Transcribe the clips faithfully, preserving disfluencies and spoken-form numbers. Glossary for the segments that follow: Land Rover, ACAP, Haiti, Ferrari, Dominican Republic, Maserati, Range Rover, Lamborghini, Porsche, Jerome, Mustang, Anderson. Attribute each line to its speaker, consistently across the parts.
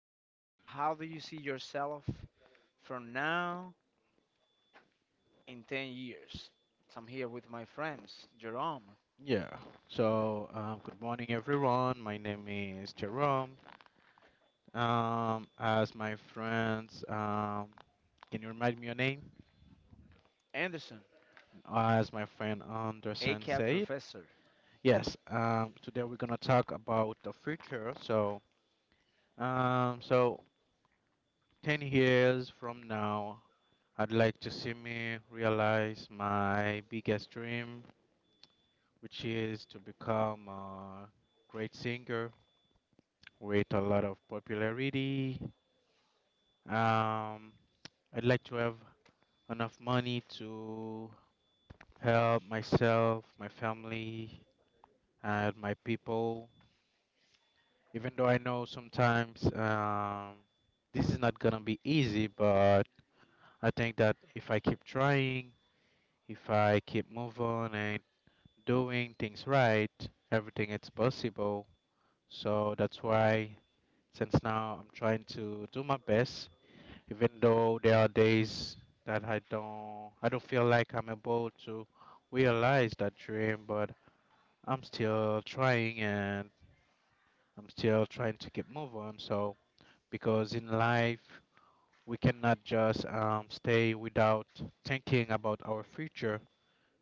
Speaker 1: talk about how do you see yourself from now in ten years. So I'm here with my friends, Jerome,
Speaker 2: Yeah. So, um, good morning, everyone. My name is Jerome. Um, as my friends, um, can you remind me your name?
Speaker 1: Anderson,
Speaker 2: As my friend Anderson
Speaker 1: ACAP
Speaker 2: said,
Speaker 1: professor.
Speaker 2: yes. Um, today we're gonna talk about the future. So, um, so ten years from now, I'd like to see me realize my biggest dream, which is to become a great singer with a lot of popularity. Um, I'd like to have enough money to help myself, my family, and my people. Even though I know sometimes um, this is not gonna be easy, but I think that if I keep trying, if I keep moving and doing things right, everything is possible. So that's why, since now I'm trying to do my best even though there are days that I don't I don't feel like I'm able to realize that dream, but I'm still trying and I'm still trying to keep moving. on. So because in life we cannot just um, stay without thinking about our future,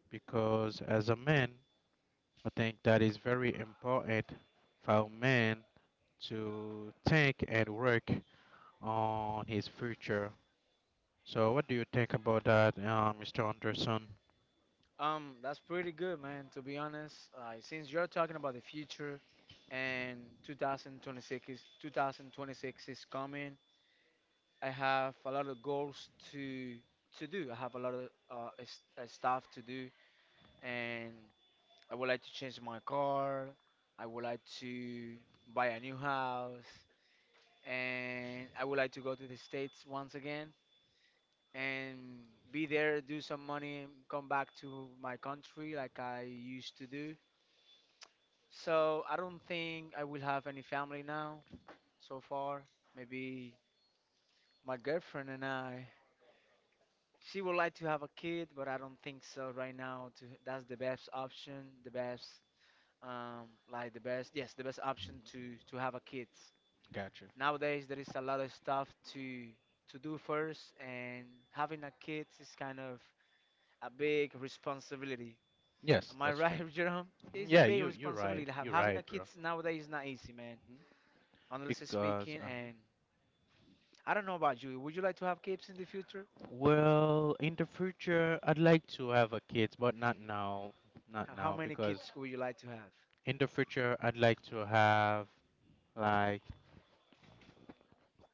Speaker 2: because as a man I think that is very important for a man to think and work on his future. So, what do you think about that, uh, mister Anderson?
Speaker 1: Um, that's pretty good, man, to be honest. Uh, since you're talking about the future and twenty twenty-six is twenty twenty-six is coming, I have a lot of goals to to do. I have a lot of uh, s- uh, stuff to do, and I would like to change my car. I would like to buy a new house. And I would like to go to the States once again and be there, do some money, come back to my country like I used to do. So I don't think I will have any family now so far. Maybe my girlfriend and I. She would like to have a kid, but I don't think so right now. To, that's the best option, the best, um like the best, yes, the best option to to have a kid.
Speaker 2: Gotcha.
Speaker 1: Nowadays there is a lot of stuff to to do first, and having a kid is kind of a big responsibility.
Speaker 2: Yes,
Speaker 1: Am I
Speaker 2: that's true.
Speaker 1: right, Jerome?
Speaker 2: Mhm.
Speaker 1: It's a
Speaker 2: Yeah,
Speaker 1: big
Speaker 2: you you're right.
Speaker 1: responsibility. Have,
Speaker 2: You're
Speaker 1: having a
Speaker 2: right,
Speaker 1: kid
Speaker 2: bro.
Speaker 1: nowadays is not easy, man.
Speaker 2: Mhm.
Speaker 1: Honestly
Speaker 2: Because
Speaker 1: speaking.
Speaker 2: uh
Speaker 1: And I don't know about you. Would you like to have kids in the future?
Speaker 2: Well, in the future, I'd like to have a kids, but not now. Not
Speaker 1: How how
Speaker 2: now,
Speaker 1: many
Speaker 2: because
Speaker 1: kids would you like to have?
Speaker 2: in the future, I'd like to have like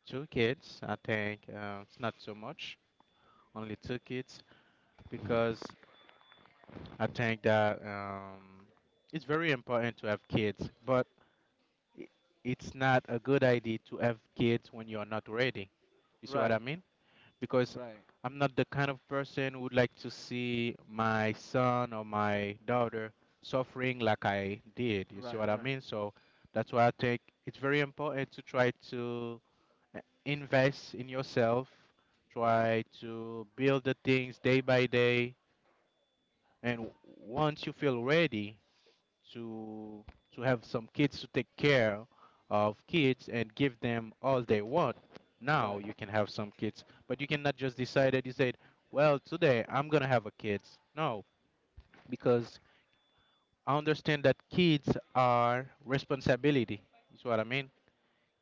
Speaker 2: two kids. I think uh, it's not so much, only two kids, because I think that um, it's very important to have kids, but i- it's not a good idea to have kids when you're not ready. You see what
Speaker 1: Right,
Speaker 2: I mean? Because
Speaker 1: right,
Speaker 2: I'm not the kind of person who would like to see my son or my daughter suffering like I did. You see
Speaker 1: right,
Speaker 2: what I
Speaker 1: right,
Speaker 2: mean? So that's why I think it's very important to try to uh, invest in yourself, try to build the things day by day, and once you feel ready, to to have some kids to take care of kids and give them all they want. Now
Speaker 1: right.
Speaker 2: you can have some kids, but you cannot just decide that you said, "Well, today I'm gonna have a kids." No, because I understand that kids are responsibility. Is what I mean.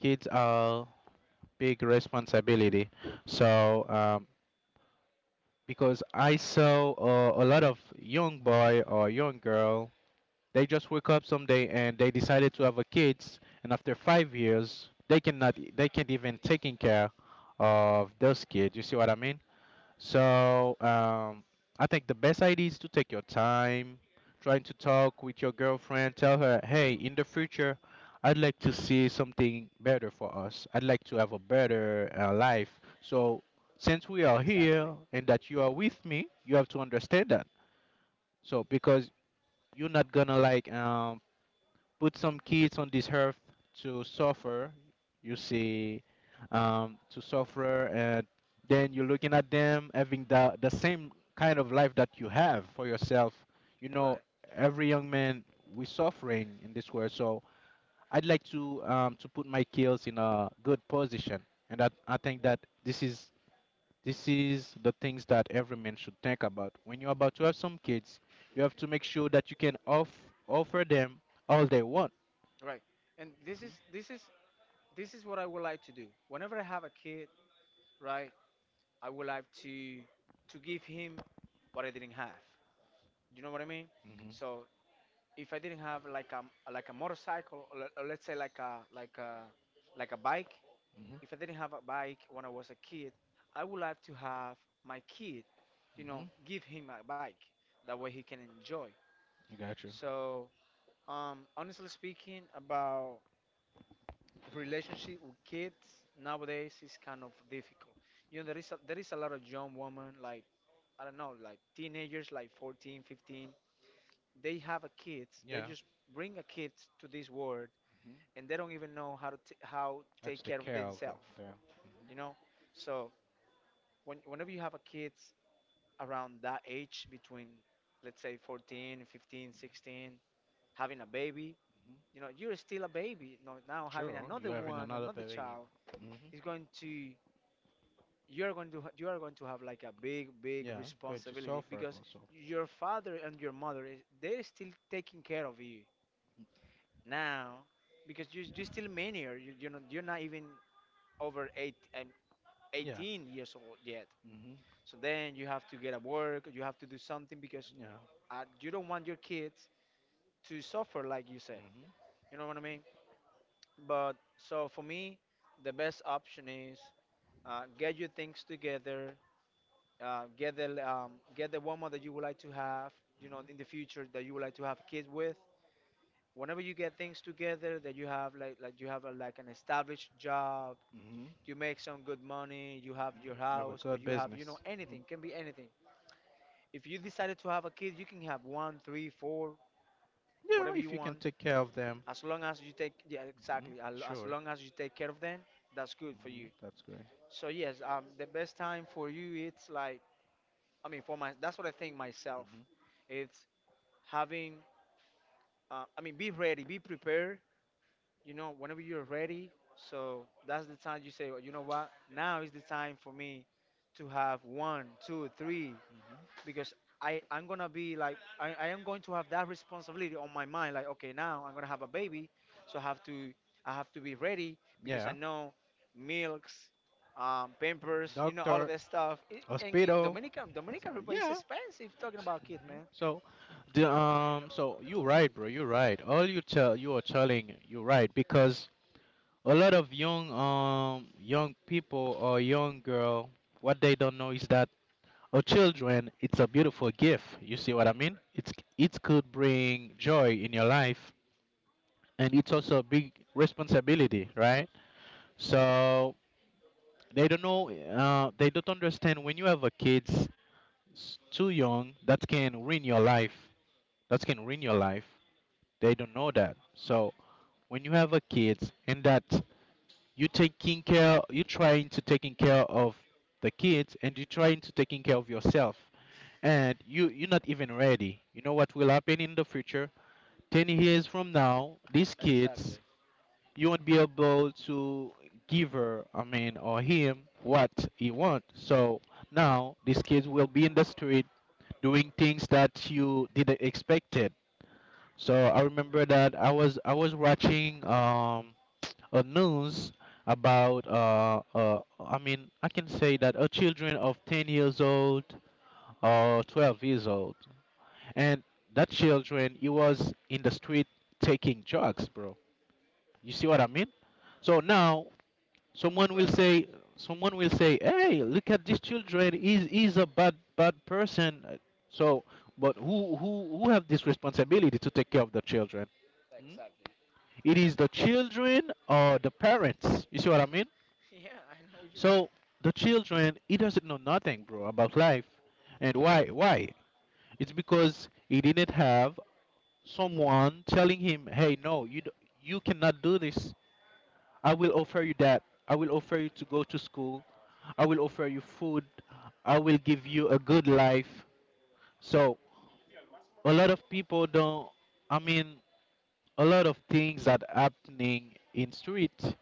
Speaker 2: Kids are big responsibility. So um, because I saw uh, a lot of young boy or young girl. They just wake up someday and they decided to have a kids, and after five years, they cannot, they can't even taking care of those kids. You see what I mean? So um, I think the best idea is to take your time, trying to talk with your girlfriend, tell her, hey, in the future, I'd like to see something better for us. I'd like to have a better uh, life. So since we are
Speaker 1: Exactly.
Speaker 2: here and that you are with me, you have to understand that. So because you're not gonna like um put some kids on this earth to suffer, you see, um, to suffer, and then you're looking at them having the, the same kind of life that you have for yourself, you know,
Speaker 1: Right,
Speaker 2: every young man, we suffering in this world. So I'd like to um, to put my kids in a good position, and that I think that this is this is the things that every man should think about when you're about to have some kids. You have to make sure that you can off, offer them all they want.
Speaker 1: right. And this is this is this is what I would like to do. Whenever I have a kid, right? I would like to to give him what I didn't have. You know what I mean?
Speaker 2: Mhm.
Speaker 1: So if I didn't have like a, like a motorcycle, or, le- or let's say like a like a like a bike,
Speaker 2: Mhm.
Speaker 1: if I didn't have a bike when I was a kid, I would like to have my kid, you know,
Speaker 2: Mhm.
Speaker 1: give him a bike. That way he can enjoy.
Speaker 2: I got you.
Speaker 1: So, um, honestly speaking, about relationship with kids nowadays is kind of difficult. You know, there is a, there is a lot of young women, like I don't know, like teenagers like fourteen, fifteen. They have a kids. They
Speaker 2: Yeah.
Speaker 1: just bring a kid to this world,
Speaker 2: Mhm.
Speaker 1: and they don't even know how to t- how
Speaker 2: That's
Speaker 1: take
Speaker 2: the
Speaker 1: care of
Speaker 2: care of it.
Speaker 1: themselves,
Speaker 2: Yeah. Mhm.
Speaker 1: you know? So, when whenever you have a kids around that age between, let's say, fourteen, fifteen, sixteen, having a baby,
Speaker 2: Mhm.
Speaker 1: you know, you're still a baby. No, now having
Speaker 2: Sure.
Speaker 1: another
Speaker 2: You're having
Speaker 1: one,
Speaker 2: another
Speaker 1: another
Speaker 2: baby.
Speaker 1: child,
Speaker 2: Mhm.
Speaker 1: is going to you are going to ha- you are going to have like a big big
Speaker 2: Yeah. Going to
Speaker 1: responsibility,
Speaker 2: suffer
Speaker 1: because
Speaker 2: also.
Speaker 1: your father and your mother is they're still taking care of you now, because you you're still minor. You, you're not you're not even over eight um,
Speaker 2: Yeah.
Speaker 1: eighteen years old yet,
Speaker 2: Mhm.
Speaker 1: so then you have to get a work, you have to do something because,
Speaker 2: Yeah.
Speaker 1: uh, you don't want your kids to suffer, like you said.
Speaker 2: Mhm.
Speaker 1: You know what I mean? But so for me the best option is, uh, get your things together, uh, get the, um, get the woman that you would like to have, you
Speaker 2: Mhm.
Speaker 1: know, in the future, that you would like to have kids with. Whenever you get things together, that you have, like like you have a, like an established job,
Speaker 2: Mhm.
Speaker 1: you make some good money, you have your
Speaker 2: Mhm. Have a
Speaker 1: house, or
Speaker 2: good
Speaker 1: you have, you know
Speaker 2: business. Mhm.
Speaker 1: anything can be anything. If you decided to have a kid, you can have one, three, four,
Speaker 2: Yeah.
Speaker 1: whatever you
Speaker 2: If you can
Speaker 1: want,
Speaker 2: take care of them.
Speaker 1: as long as you take yeah,
Speaker 2: Mhm.
Speaker 1: exactly, al- as
Speaker 2: Sure.
Speaker 1: long as you take care of them, that's good for you.
Speaker 2: Mhm. That's great.
Speaker 1: So yes, um, the best time for you, it's like, I mean, for my that's what I think myself.
Speaker 2: Mhm.
Speaker 1: It's having, uh, I mean, be ready, be prepared, you know, whenever you're ready. So that's the time you say, "Oh, you know what, now is the time for me to have one two three,
Speaker 2: Mhm.
Speaker 1: because I I'm gonna be like I, I am going to have that responsibility on my mind, like, okay, now I'm gonna have a baby, so i have to i have to be ready, because I
Speaker 2: Yeah.
Speaker 1: know, milks, um, pampers, you know, all of
Speaker 2: Doctor.
Speaker 1: that stuff. It, and in
Speaker 2: Hospital.
Speaker 1: Dominican,
Speaker 2: So
Speaker 1: Dominican Republic is
Speaker 2: yeah.
Speaker 1: expensive talking about kids,
Speaker 2: Mhm.
Speaker 1: man."
Speaker 2: So, the um, so you're right, bro. You're right. All you tell you are telling, you're right, because a lot of young um young people or young girl, what they don't know is that a children, it's a beautiful gift. You see what I mean? It's it could bring joy in your life, and it's also a big responsibility, right? So they don't know, uh, they don't understand, when you have a kids s- too young, that can ruin your life. That can ruin your life. They don't know that. So when you have a kids and that you taking care, you trying to taking care of the kids and you trying to taking care of yourself, and you you're not even ready. You know what will happen in the future? Ten years from now, these kids,
Speaker 1: Exactly.
Speaker 2: you won't be able to give her, I mean, or him what he want. So now these kids will be in the street doing things that you didn't expect. So I remember that I was I was watching um a news about uh, uh I mean, I can say that a children of ten years old or twelve years old, and that children he was in the street taking drugs, bro. You see what I mean? So now someone will
Speaker 1: Right, right.
Speaker 2: say someone will say, hey, look at this children, he's, he's a bad bad person. So but who who who have this responsibility to take care of the children? Hmm?
Speaker 1: Exactly.
Speaker 2: It is the children or the parents. You see what I mean?
Speaker 1: Yeah, I know what you mean.
Speaker 2: So the children, he doesn't know nothing, bro, about life. And why? Why? It's because he didn't have someone telling him, "Hey, no, you d- you cannot do this. I will offer you that. I will offer you to go to school. I will offer you food. I will give you a good life." So a lot of people don't. I mean, a lot of things that happening in street,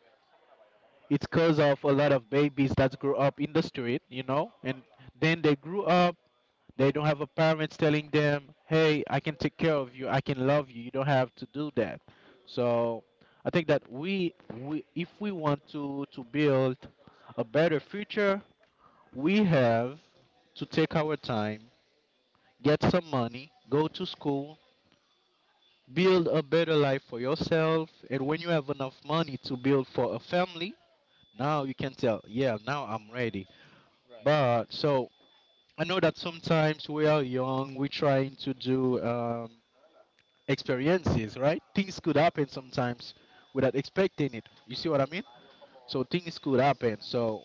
Speaker 2: it's cause of a lot of babies that grew up in the street, you know, and then they grew up, they don't have a parents telling them, "Hey, I can take care of you, I can love you, you don't have to do that." So I think that we, we if we want to to build a better future, we have to take our time, get some money, go to school, build a better life for yourself, and when you have enough money to build for a family, now you can tell, yeah, now I'm ready. But so I know that sometimes we are young, we're trying to do um, experiences, right? Things could happen sometimes without expecting it. You see what I mean? So things could happen. So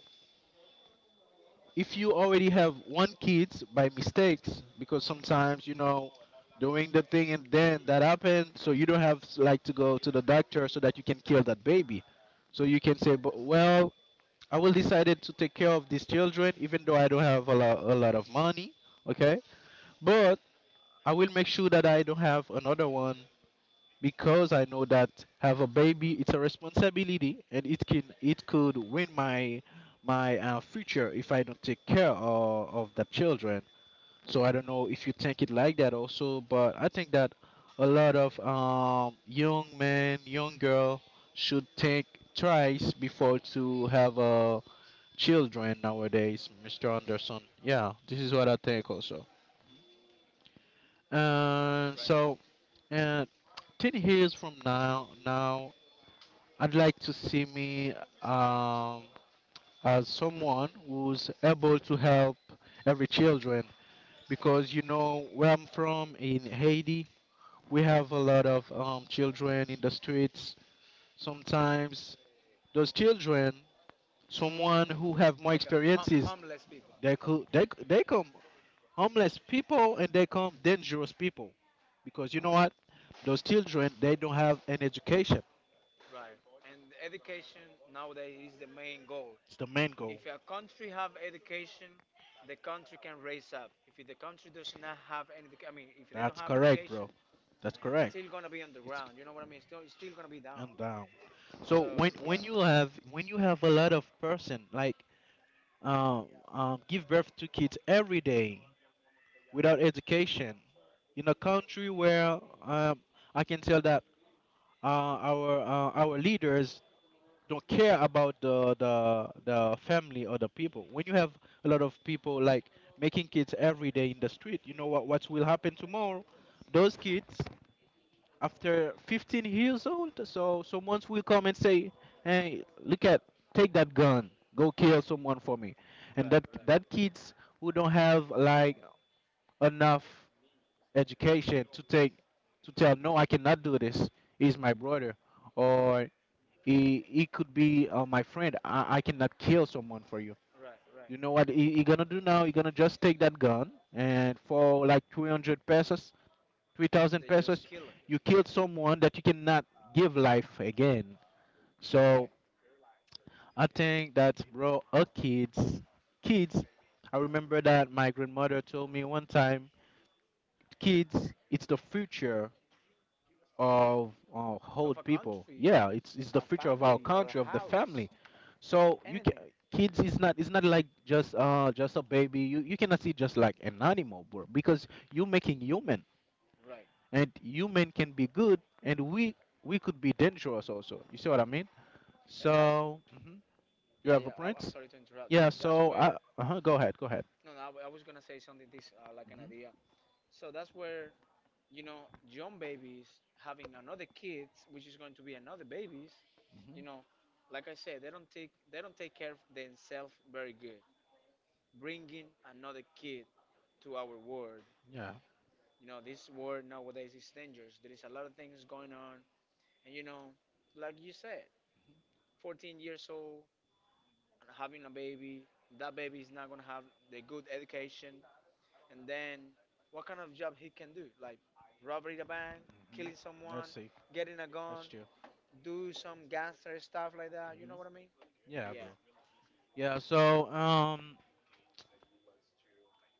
Speaker 2: if you already have one kids by mistakes, because sometimes you know doing the thing and then that happened, so you don't have like to go to the doctor so that you can kill that baby. So you can say, but well, I will decided to take care of these children even though I don't have a lot, a lot of money. Okay. But I will make sure that I don't have another one, because I know that have a baby it's a responsibility and it can it could ruin my my uh, future if I don't take care of, of the children. So I don't know if you think it like that also, but I think that a lot of um, young men, young girl should think twice before to have uh, children nowadays, mister Anderson. Yeah, this is what I think also. And
Speaker 1: Right,
Speaker 2: so Uh, ten years from now, now I'd like to see me um, as someone who's able to help every children, because you know where I'm from in Haiti, we have a lot of um, children in the streets. Sometimes those children, someone who have more
Speaker 1: like a hom-
Speaker 2: experiences,
Speaker 1: homeless people.
Speaker 2: they could they c- they come homeless people and they come dangerous people, because you know what, those children they don't have an education.
Speaker 1: Right, and education nowadays is the main goal.
Speaker 2: It's the main goal.
Speaker 1: If a country have education, the country can raise up. If the country does not have any, I mean, if they don't
Speaker 2: That's
Speaker 1: have
Speaker 2: correct,
Speaker 1: education,
Speaker 2: bro. That's correct.
Speaker 1: still gonna be
Speaker 2: It's
Speaker 1: underground. You know what I mean? Still, it's still gonna be down.
Speaker 2: and down. So when
Speaker 1: So
Speaker 2: when
Speaker 1: yeah,
Speaker 2: you have when you have a lot of person like um, um give birth to kids every day without education in a country where um I can tell that uh, our uh, our leaders don't care about the, the the family or the people. When you have a lot of people like making kids every day in the street, you know what what will happen tomorrow? Those kids after fifteen years old. So someone will come and say, "Hey, look at, take that gun, go kill someone for me," and
Speaker 1: right,
Speaker 2: that
Speaker 1: right,
Speaker 2: that kids who don't have like enough education to take to tell, no, I cannot do this. He's my brother, or he he could be uh, my friend. I, I cannot kill someone for you.
Speaker 1: right, right.
Speaker 2: You know what he, he gonna do now? He gonna just take that gun, and for like three hundred pesos, three thousand
Speaker 1: They just
Speaker 2: pesos,
Speaker 1: kill it.
Speaker 2: you killed someone that you cannot give life again.
Speaker 1: Right,
Speaker 2: So I think that, bro, our kids, kids, I remember that my grandmother told me one time, kids, it's the future of uh,
Speaker 1: of
Speaker 2: old
Speaker 1: a
Speaker 2: people.
Speaker 1: country,
Speaker 2: Yeah, it's, it's the
Speaker 1: a
Speaker 2: future of our
Speaker 1: family or a
Speaker 2: country, of the family.
Speaker 1: house,
Speaker 2: So you can,
Speaker 1: anything.
Speaker 2: kids is not it's not like just uh just a baby. You you cannot see just like an animal, bro, because you making human.
Speaker 1: Right,
Speaker 2: And human can be good and we we could be dangerous also. You see what I mean?
Speaker 1: and that's
Speaker 2: so mhm. You
Speaker 1: yeah,
Speaker 2: have a
Speaker 1: yeah. I, I'm
Speaker 2: prince.
Speaker 1: sorry to interrupt you.
Speaker 2: Yeah,
Speaker 1: That's
Speaker 2: so I,
Speaker 1: where,
Speaker 2: uh go ahead go ahead
Speaker 1: no, no. I, w- I was gonna say something. This, uh, like an
Speaker 2: hmm.
Speaker 1: idea. So that's where, you know, young babies having another kid, which is going to be another babies.
Speaker 2: Hmm.
Speaker 1: You know, like I said, they don't take they don't take care of themselves very good. Bringing another kid to our world.
Speaker 2: Yeah.
Speaker 1: You know, this world nowadays is dangerous. There is a lot of things going on, and, you know, like you said, fourteen years old and having a baby. That baby is not gonna have the good education, and then what kind of job he can do, like robbery the bank,
Speaker 2: Hmm.
Speaker 1: killing someone,
Speaker 2: Let's see.
Speaker 1: getting a
Speaker 2: That's
Speaker 1: gun,
Speaker 2: true.
Speaker 1: do some gangster stuff like that, you
Speaker 2: Hmm.
Speaker 1: know what I mean?
Speaker 2: Yeah, bro.
Speaker 1: Yeah.
Speaker 2: yeah so um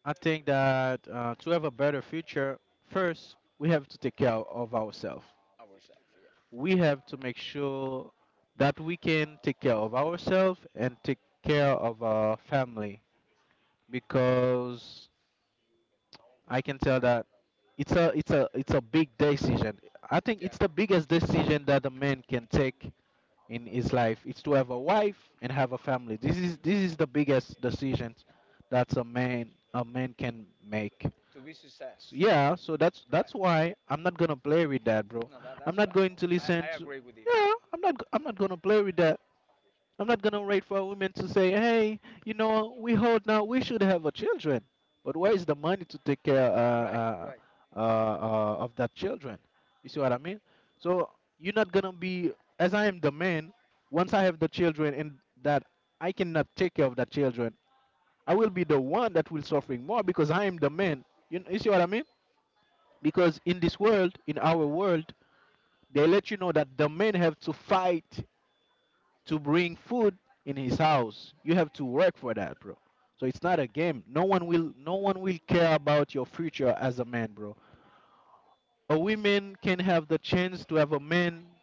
Speaker 2: I think that uh, to have a better future, first we have to take care of ourselves.
Speaker 1: Ourselves, yeah,
Speaker 2: We have to make sure that we can take care of ourselves and take care of our family, because I can tell that it's a it's a it's a big decision. I think
Speaker 1: yeah.
Speaker 2: it's the biggest decision that a man can take in his life. It's to have a wife and have a family. This is this is the biggest decision that a man a man can make.
Speaker 1: To be
Speaker 2: So,
Speaker 1: success.
Speaker 2: yeah, so that's that's
Speaker 1: Right.
Speaker 2: why I'm not gonna play with that, bro.
Speaker 1: No, that,
Speaker 2: I'm
Speaker 1: that's
Speaker 2: not
Speaker 1: right.
Speaker 2: going to listen
Speaker 1: I, I
Speaker 2: to.
Speaker 1: agree with you.
Speaker 2: Yeah, I'm not I'm not gonna play with that. I'm not gonna wait for women to say, "Hey, you know, we hold now. We should have a children." But where is the money to take care uh,
Speaker 1: Right,
Speaker 2: uh,
Speaker 1: right,
Speaker 2: uh, uh, of that children? You see what I mean? So you're not gonna be as I am the man. Once I have the children and that I cannot take care of the children, I will be the one that will suffering more because I am the man. You, you see what I mean? Because in this world, in our world, they let you know that the men have to fight to bring food in his house. You have to work for that, bro. So it's not a game. No one will no one will care about your future as a man, bro. A woman can have the chance to have a man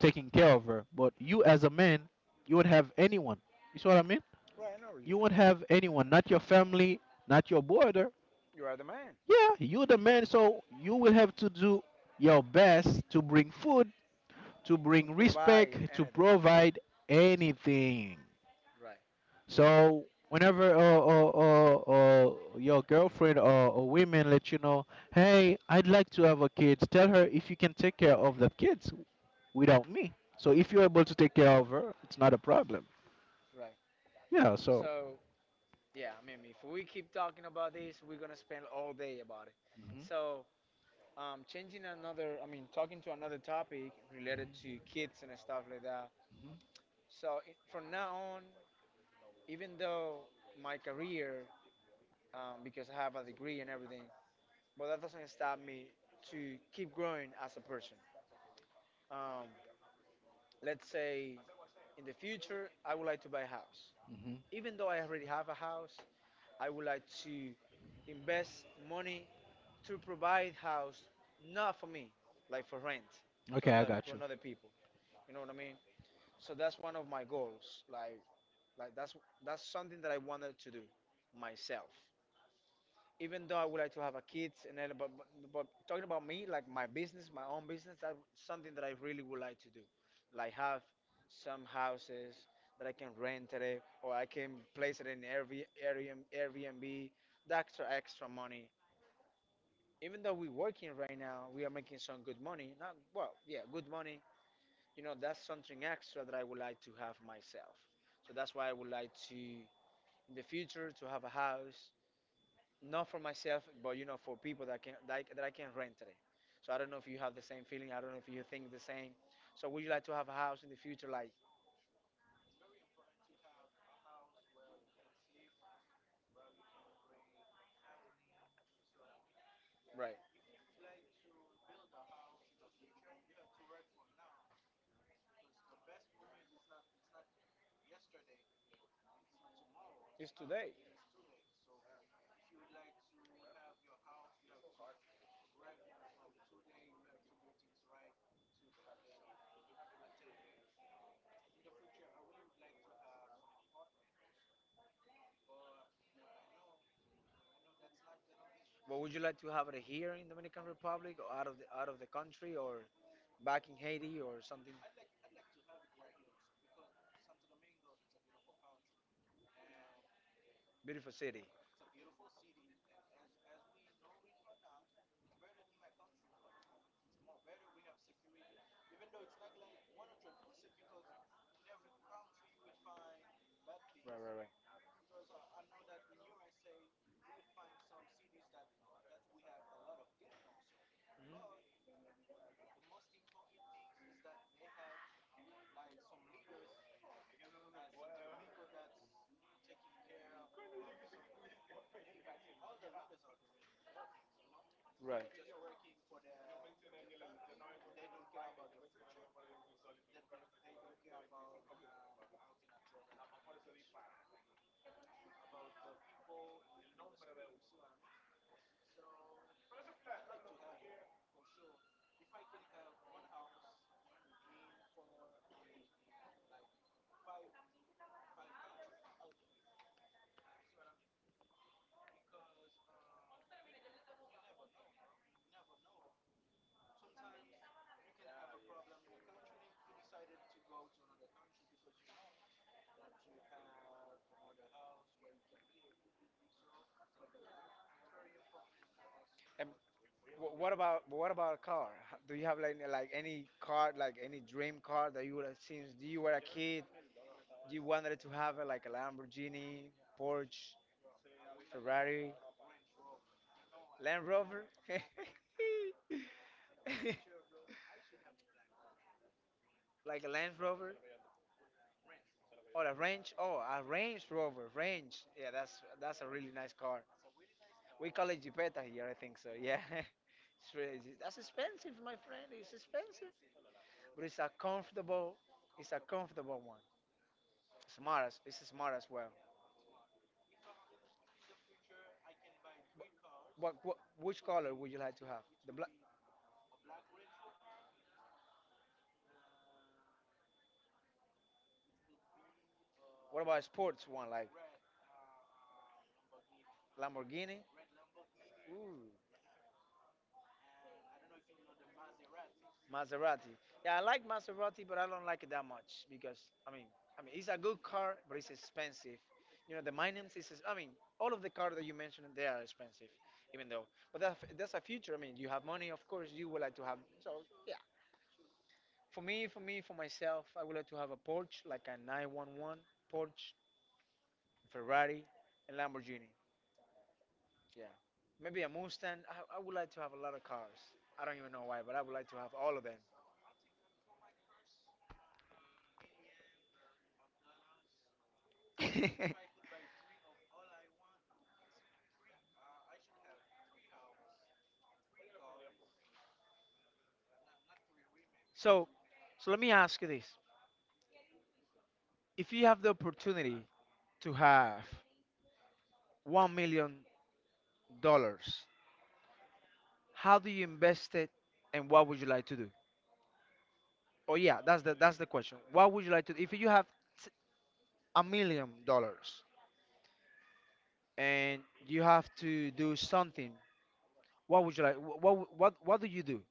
Speaker 2: taking care of her, but you as a man, you won't have anyone. You see what I mean?
Speaker 1: right, I know what you
Speaker 2: You won't
Speaker 1: mean.
Speaker 2: have anyone, not your family, not your brother.
Speaker 1: You are the man.
Speaker 2: Yeah, you the man, so you will have to do your best to bring food, to
Speaker 1: To
Speaker 2: bring
Speaker 1: provide
Speaker 2: respect, to
Speaker 1: anything.
Speaker 2: provide anything.
Speaker 1: Right,
Speaker 2: So whenever uh, uh, uh, uh, your girlfriend or, or women let you know, hey, I'd like to have a kid, tell her if you can take care of the kids without me. So if you're able to take care of her, it's not a problem.
Speaker 1: right.
Speaker 2: Yeah. So.
Speaker 1: So yeah, I mean, if we keep talking about this, we're gonna spend all day about it.
Speaker 2: Hmm.
Speaker 1: So, Um, changing another, I mean, talking to another topic related to kids and stuff like that. So, it, from now on, even though my career, um, because I have a degree and everything, but that doesn't stop me to keep growing as a person. Um, let's say in the future, I would like to buy a house.
Speaker 2: Hmm.
Speaker 1: Even though I already have a house, I would like to invest money to provide house, not for me, like for rent
Speaker 2: Hmm.
Speaker 1: to
Speaker 2: Okay, I
Speaker 1: another
Speaker 2: got
Speaker 1: to
Speaker 2: you.
Speaker 1: another people. You know what I mean? So that's one of my goals. Like like that's that's something that I wanted to do myself. Even though I would like to have a kids and everything, but, but but talking about me, like my business, my own business, that's something that I really would like to do. Like have some houses that I can rent it, or I can place it in every Airbnb. The extra extra money. Even though we're working right now, we are making some good money. Not well, yeah, good money, you know, that's something extra that I would like to have myself. So that's why I would like to, in the future, to have a house, not for myself, but you know, for people that can that, that I can rent it. So I don't know if you have the same feeling. I don't know if you think the same. So would you like to have a house in the future? Like, right, it's today. But would you like to have it here in Dominican Republic, or out of the out of the country, or back in Haiti, or something? Beautiful city? Right, right, right. Mhm. Right. And Wh- What about what about a car? H- Do you have like, like any car, like any dream car that you would have since you were a kid, you wanted to have, uh, like a Lamborghini, Porsche, Ferrari, Land Rover? Like a Land Rover, or a Range? Oh, a Range Rover, Range. Yeah, that's that's a really nice car. We call it Jeepeta here, I think so. Yeah. It's really, that's expensive, my friend. It's expensive, but it's a comfortable, it's a comfortable one. Smart, as, it's smart as well. What, what which color would you like to have? The black. What about sports one, like Lamborghini? Ooh, Maserati. Yeah, I like Maserati, but I don't like it that much, because, I mean, I mean, it's a good car, but it's expensive. You know, the Minims is. I mean, all of the cars that you mentioned, they are expensive, even though. But that's that's a future. I mean, you have money, of course, you would like to have. For me, for me, for myself, I would like to have a Porsche, like a nine one one Porsche, Ferrari, and Lamborghini. Yeah. Maybe a Mustang. I, I would like to have a lot of cars. I don't even know why, but I would like to have all of them. So, so let me ask you this. If you have the opportunity to have one million dollars, how do you invest it and what would you like to do? Oh yeah, that's the that's the question. What would you like to do? If you have t- a million dollars and you have to do something, what would you like? wh- What what what do you do?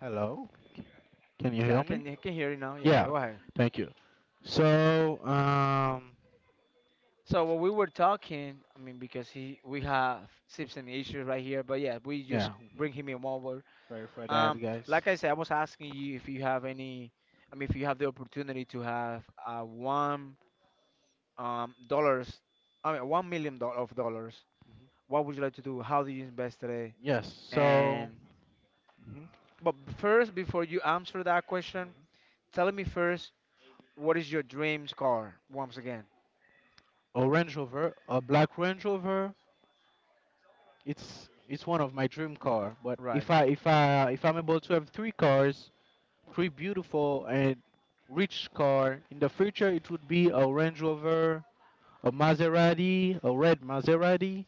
Speaker 2: Hello. Can you
Speaker 1: Yeah,
Speaker 2: hear
Speaker 1: I
Speaker 2: me?
Speaker 1: can I can hear you now. Yeah, yeah,
Speaker 2: Yeah.
Speaker 1: go ahead.
Speaker 2: Thank you. So um,
Speaker 1: So what we were talking, I mean, because he we have Simpson issues right here, but yeah, we just
Speaker 2: yeah.
Speaker 1: bring him in over.
Speaker 2: Sorry for that,
Speaker 1: Um,
Speaker 2: guys.
Speaker 1: like I said, I was asking you if you have any, I mean, if you have the opportunity to have uh, one um dollars, I mean, one million do- of dollars,
Speaker 2: Mhm.
Speaker 1: what would you like to do? How do you invest today?
Speaker 2: Yes. So.
Speaker 1: And
Speaker 2: Mhm.
Speaker 1: but first, before you answer that question, tell me first, what is your dreams car once again?
Speaker 2: A Range Rover, a black Range Rover, it's it's one of my dream car. But
Speaker 1: Right.
Speaker 2: if I if I if I'm able to have three cars, three beautiful and rich car in the future, it would be a Range Rover, a Maserati, a red Maserati.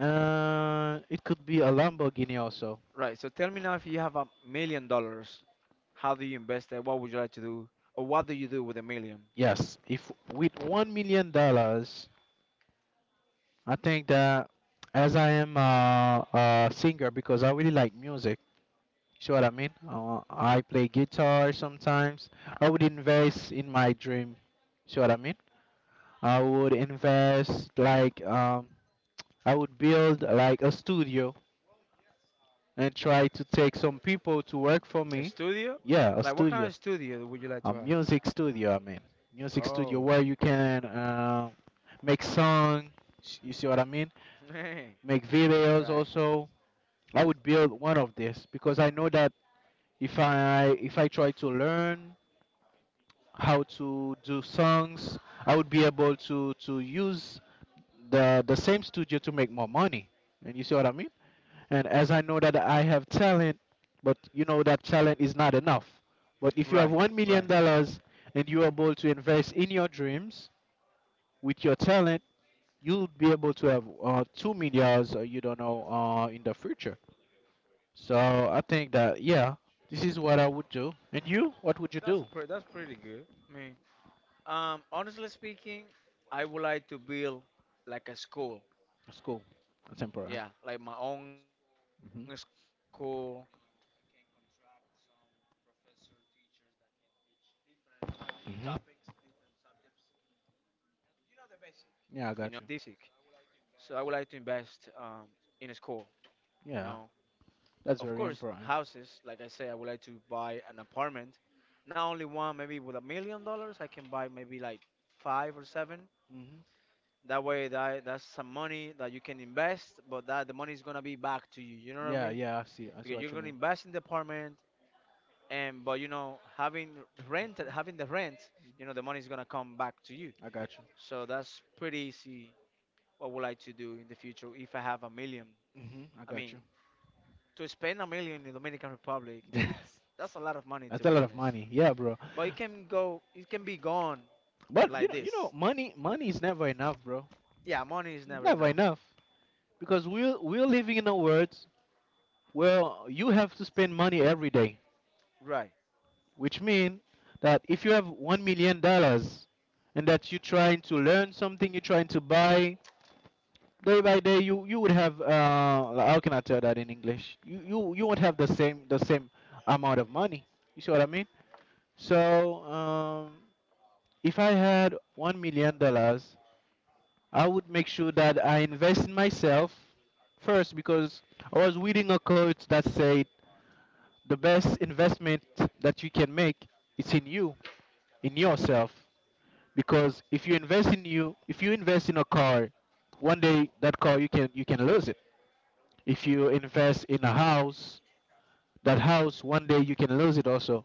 Speaker 2: Uh, it could be a Lamborghini also.
Speaker 1: Right. So tell me now, if you have a million dollars, how do you invest it? What would you like to do, or what do you do with a million?
Speaker 2: Yes, if with one million dollars, I think that as I am a, a singer because I really like music. See what I mean? Uh, I play guitar sometimes. I would invest in my dream. See what I mean? I would invest like um, I would build like a studio and try to take some people to work for
Speaker 1: A
Speaker 2: me.
Speaker 1: studio?
Speaker 2: Yeah, a
Speaker 1: Like, what kind
Speaker 2: studio,
Speaker 1: of studio would you like
Speaker 2: a
Speaker 1: to have?
Speaker 2: music studio. I mean, music studio
Speaker 1: Oh.
Speaker 2: where you can uh, make song. s- You see what I mean?
Speaker 1: Right.
Speaker 2: Make videos also. I would build one of this because I know that if I if I try to learn how to do songs. I would be able to to use the the same studio to make more money. And you see what I mean? And as I know that I have talent, but you know that talent is not enough. But if you have
Speaker 1: Right.
Speaker 2: one million
Speaker 1: Right.
Speaker 2: dollars and you're able to invest in your dreams with your talent, you'll be able to have uh, two millions. Uh, you don't know uh, in the future. So I think that yeah, this is what I would do. And you, what would you do?
Speaker 1: Me. Um. Honestly speaking, I would like to build like a school.
Speaker 2: School, that's important.
Speaker 1: Yeah, like my own school.
Speaker 2: Hmm.
Speaker 1: You know, I can contract some professor teachers that can teach different um,
Speaker 2: Hmm.
Speaker 1: topics, different subjects. You know, you know the basic.
Speaker 2: Yeah, I got you.
Speaker 1: So I would like to invest um, in a school. You know,
Speaker 2: Yeah, that's
Speaker 1: of
Speaker 2: very
Speaker 1: course,
Speaker 2: important.
Speaker 1: houses. Like I say, I would like to buy an apartment, not only one. Maybe with a million dollars, I can buy maybe like five or seven.
Speaker 2: Hmm.
Speaker 1: That way, that that's some money that you can invest, but that the money is gonna be back to you. You know what I
Speaker 2: Yeah,
Speaker 1: mean?
Speaker 2: yeah, I see. I see
Speaker 1: Because
Speaker 2: what
Speaker 1: you're
Speaker 2: you
Speaker 1: gonna
Speaker 2: mean.
Speaker 1: invest in the apartment, and but you know, having rent, having the rent, you know, the money is gonna come back to you.
Speaker 2: I got you.
Speaker 1: So that's pretty easy. What would I like to do in the future if I have a million?
Speaker 2: Hmm. I
Speaker 1: I
Speaker 2: got
Speaker 1: mean,
Speaker 2: you.
Speaker 1: to spend a million in Dominican Republic, it's that's a lot of money to
Speaker 2: That's a
Speaker 1: be
Speaker 2: lot of
Speaker 1: honest.
Speaker 2: money. Yeah, bro.
Speaker 1: But it can go, it can be gone
Speaker 2: But you
Speaker 1: like
Speaker 2: know,
Speaker 1: this.
Speaker 2: you know, money, money is never enough, bro.
Speaker 1: Yeah, money is
Speaker 2: It's
Speaker 1: never
Speaker 2: never
Speaker 1: enough.
Speaker 2: enough because we're we're living in a world where you have to spend money every day.
Speaker 1: Right,
Speaker 2: Which means that if you have one million dollars and that you're trying to learn something, you're trying to buy day by day, you you would have uh, how can I tell that in English? You you you won't have the same the same amount of money. You see what I mean? So um, if I had one million dollars, I would make sure that I invest in myself first because I was reading a quote that said the best investment that you can make is in you, in yourself. Because if you invest in you, if you invest in a car, one day that car you can you can lose it. If you invest in a house, that house one day you can lose it also.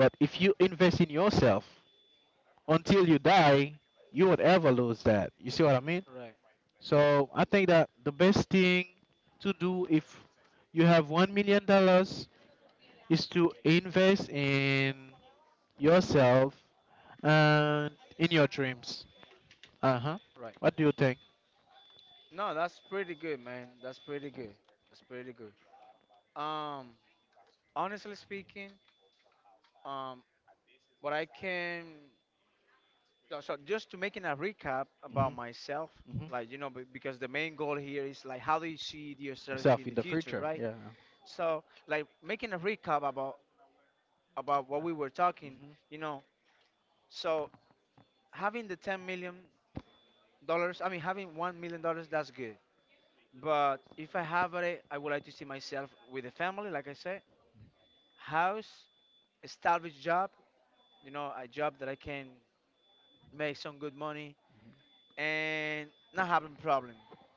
Speaker 2: But if you invest in yourself, until you die, you won't ever lose that. You see what I mean?
Speaker 1: right,
Speaker 2: So I think that the best thing to do if you have one million dollars is to invest in yourself and in your dreams. Uh-huh.
Speaker 1: right.
Speaker 2: What do you think?
Speaker 1: No, that's pretty good, man. That's pretty good. That's pretty good. Um, honestly speaking, um, what I can, no, so just to making a recap about
Speaker 2: Mm-hmm.
Speaker 1: myself,
Speaker 2: Hmm.
Speaker 1: like you know, be- because the main goal here is like how do you see yourself
Speaker 2: Self
Speaker 1: in
Speaker 2: in
Speaker 1: the
Speaker 2: the
Speaker 1: future,
Speaker 2: future.
Speaker 1: right?
Speaker 2: Yeah.
Speaker 1: So like making a recap about about what we were talking,
Speaker 2: Hmm.
Speaker 1: you know. So having the ten million dollars, I mean having one million dollars, that's good. But if I have it, I would like to see myself with a family, like I said, house, established job, you know, a job that I can make some good money and not having problem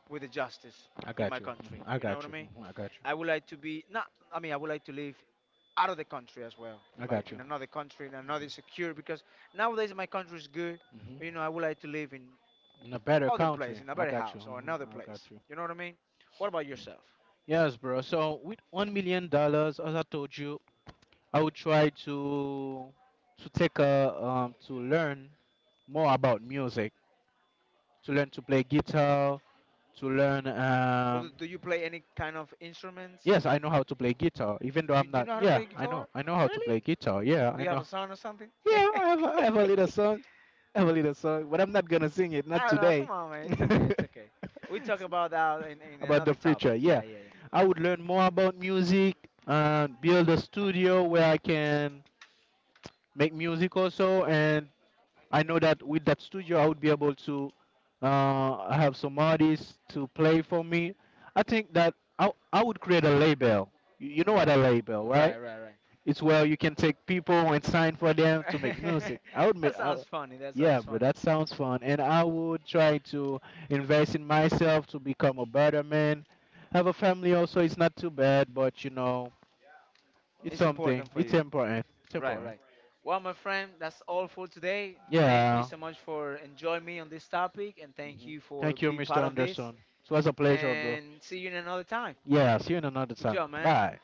Speaker 1: with the justice
Speaker 2: I
Speaker 1: in
Speaker 2: got
Speaker 1: my
Speaker 2: you. Hmm.
Speaker 1: country.
Speaker 2: I
Speaker 1: You know what
Speaker 2: got
Speaker 1: I
Speaker 2: you.
Speaker 1: mean?
Speaker 2: Hmm. I got
Speaker 1: I would like to be not. I mean, I would like to live out of the country as well,
Speaker 2: you. I
Speaker 1: like
Speaker 2: got you.
Speaker 1: in another country, in another secure. Because nowadays my country is good,
Speaker 2: Hmm.
Speaker 1: but you know I would like to live in
Speaker 2: In a better
Speaker 1: other
Speaker 2: country.
Speaker 1: place, in a
Speaker 2: I
Speaker 1: better
Speaker 2: got you.
Speaker 1: house or
Speaker 2: Mhm,
Speaker 1: another
Speaker 2: I got
Speaker 1: place.
Speaker 2: you.
Speaker 1: You know what I mean? What about yourself?
Speaker 2: Yes, bro. So with one million dollars, as I told you, I would try to to take a um to learn more about music, to learn to play guitar, to learn um.
Speaker 1: But do you play any kind of instruments?
Speaker 2: Yes, I know how to play guitar, even though
Speaker 1: You
Speaker 2: I'm
Speaker 1: Do you
Speaker 2: not.
Speaker 1: know how to
Speaker 2: Yeah,
Speaker 1: play
Speaker 2: I
Speaker 1: guitar?
Speaker 2: know. I know how to
Speaker 1: Really?
Speaker 2: play guitar. Yeah,
Speaker 1: Do
Speaker 2: I
Speaker 1: you have
Speaker 2: know.
Speaker 1: a son or something?
Speaker 2: Yeah, I have a, I have a little song. I a little song, but I'm not gonna sing it.
Speaker 1: I
Speaker 2: Not
Speaker 1: don't know.
Speaker 2: today.
Speaker 1: Come on, man. It's okay. It's okay. We talk about that in, in
Speaker 2: about the
Speaker 1: another
Speaker 2: future.
Speaker 1: topic.
Speaker 2: Yeah,
Speaker 1: Yeah, yeah,
Speaker 2: I would learn more about music and build a studio where I can make music also. And I know that with that studio, I would be able to uh, have some artists to play for me. I think that I, I would create a label. You you know
Speaker 1: yeah.
Speaker 2: what
Speaker 1: Right.
Speaker 2: a label,
Speaker 1: Right,
Speaker 2: right?
Speaker 1: right,
Speaker 2: It's where you can take people and sign for them to make
Speaker 1: right.
Speaker 2: music. I would
Speaker 1: That
Speaker 2: make,
Speaker 1: sounds
Speaker 2: I,
Speaker 1: funny. That
Speaker 2: yeah,
Speaker 1: sounds
Speaker 2: bro,
Speaker 1: funny.
Speaker 2: that sounds fun. And I would try to invest in myself to become a better man. Have a family also. It's not too bad, but you know, it's
Speaker 1: It's
Speaker 2: something.
Speaker 1: important for
Speaker 2: It's
Speaker 1: you.
Speaker 2: important. It's
Speaker 1: Right,
Speaker 2: important.
Speaker 1: right. Well, my friend, that's all for today. Thank you
Speaker 2: Yeah.
Speaker 1: so much for enjoying me on this topic, and thank
Speaker 2: Hmm.
Speaker 1: you for
Speaker 2: Thank you,
Speaker 1: being
Speaker 2: Mister
Speaker 1: part of this.
Speaker 2: Anderson. It was a pleasure, bro.
Speaker 1: And see you in another time.
Speaker 2: Yeah, see you in another
Speaker 1: Good
Speaker 2: time.
Speaker 1: job, man.
Speaker 2: Bye.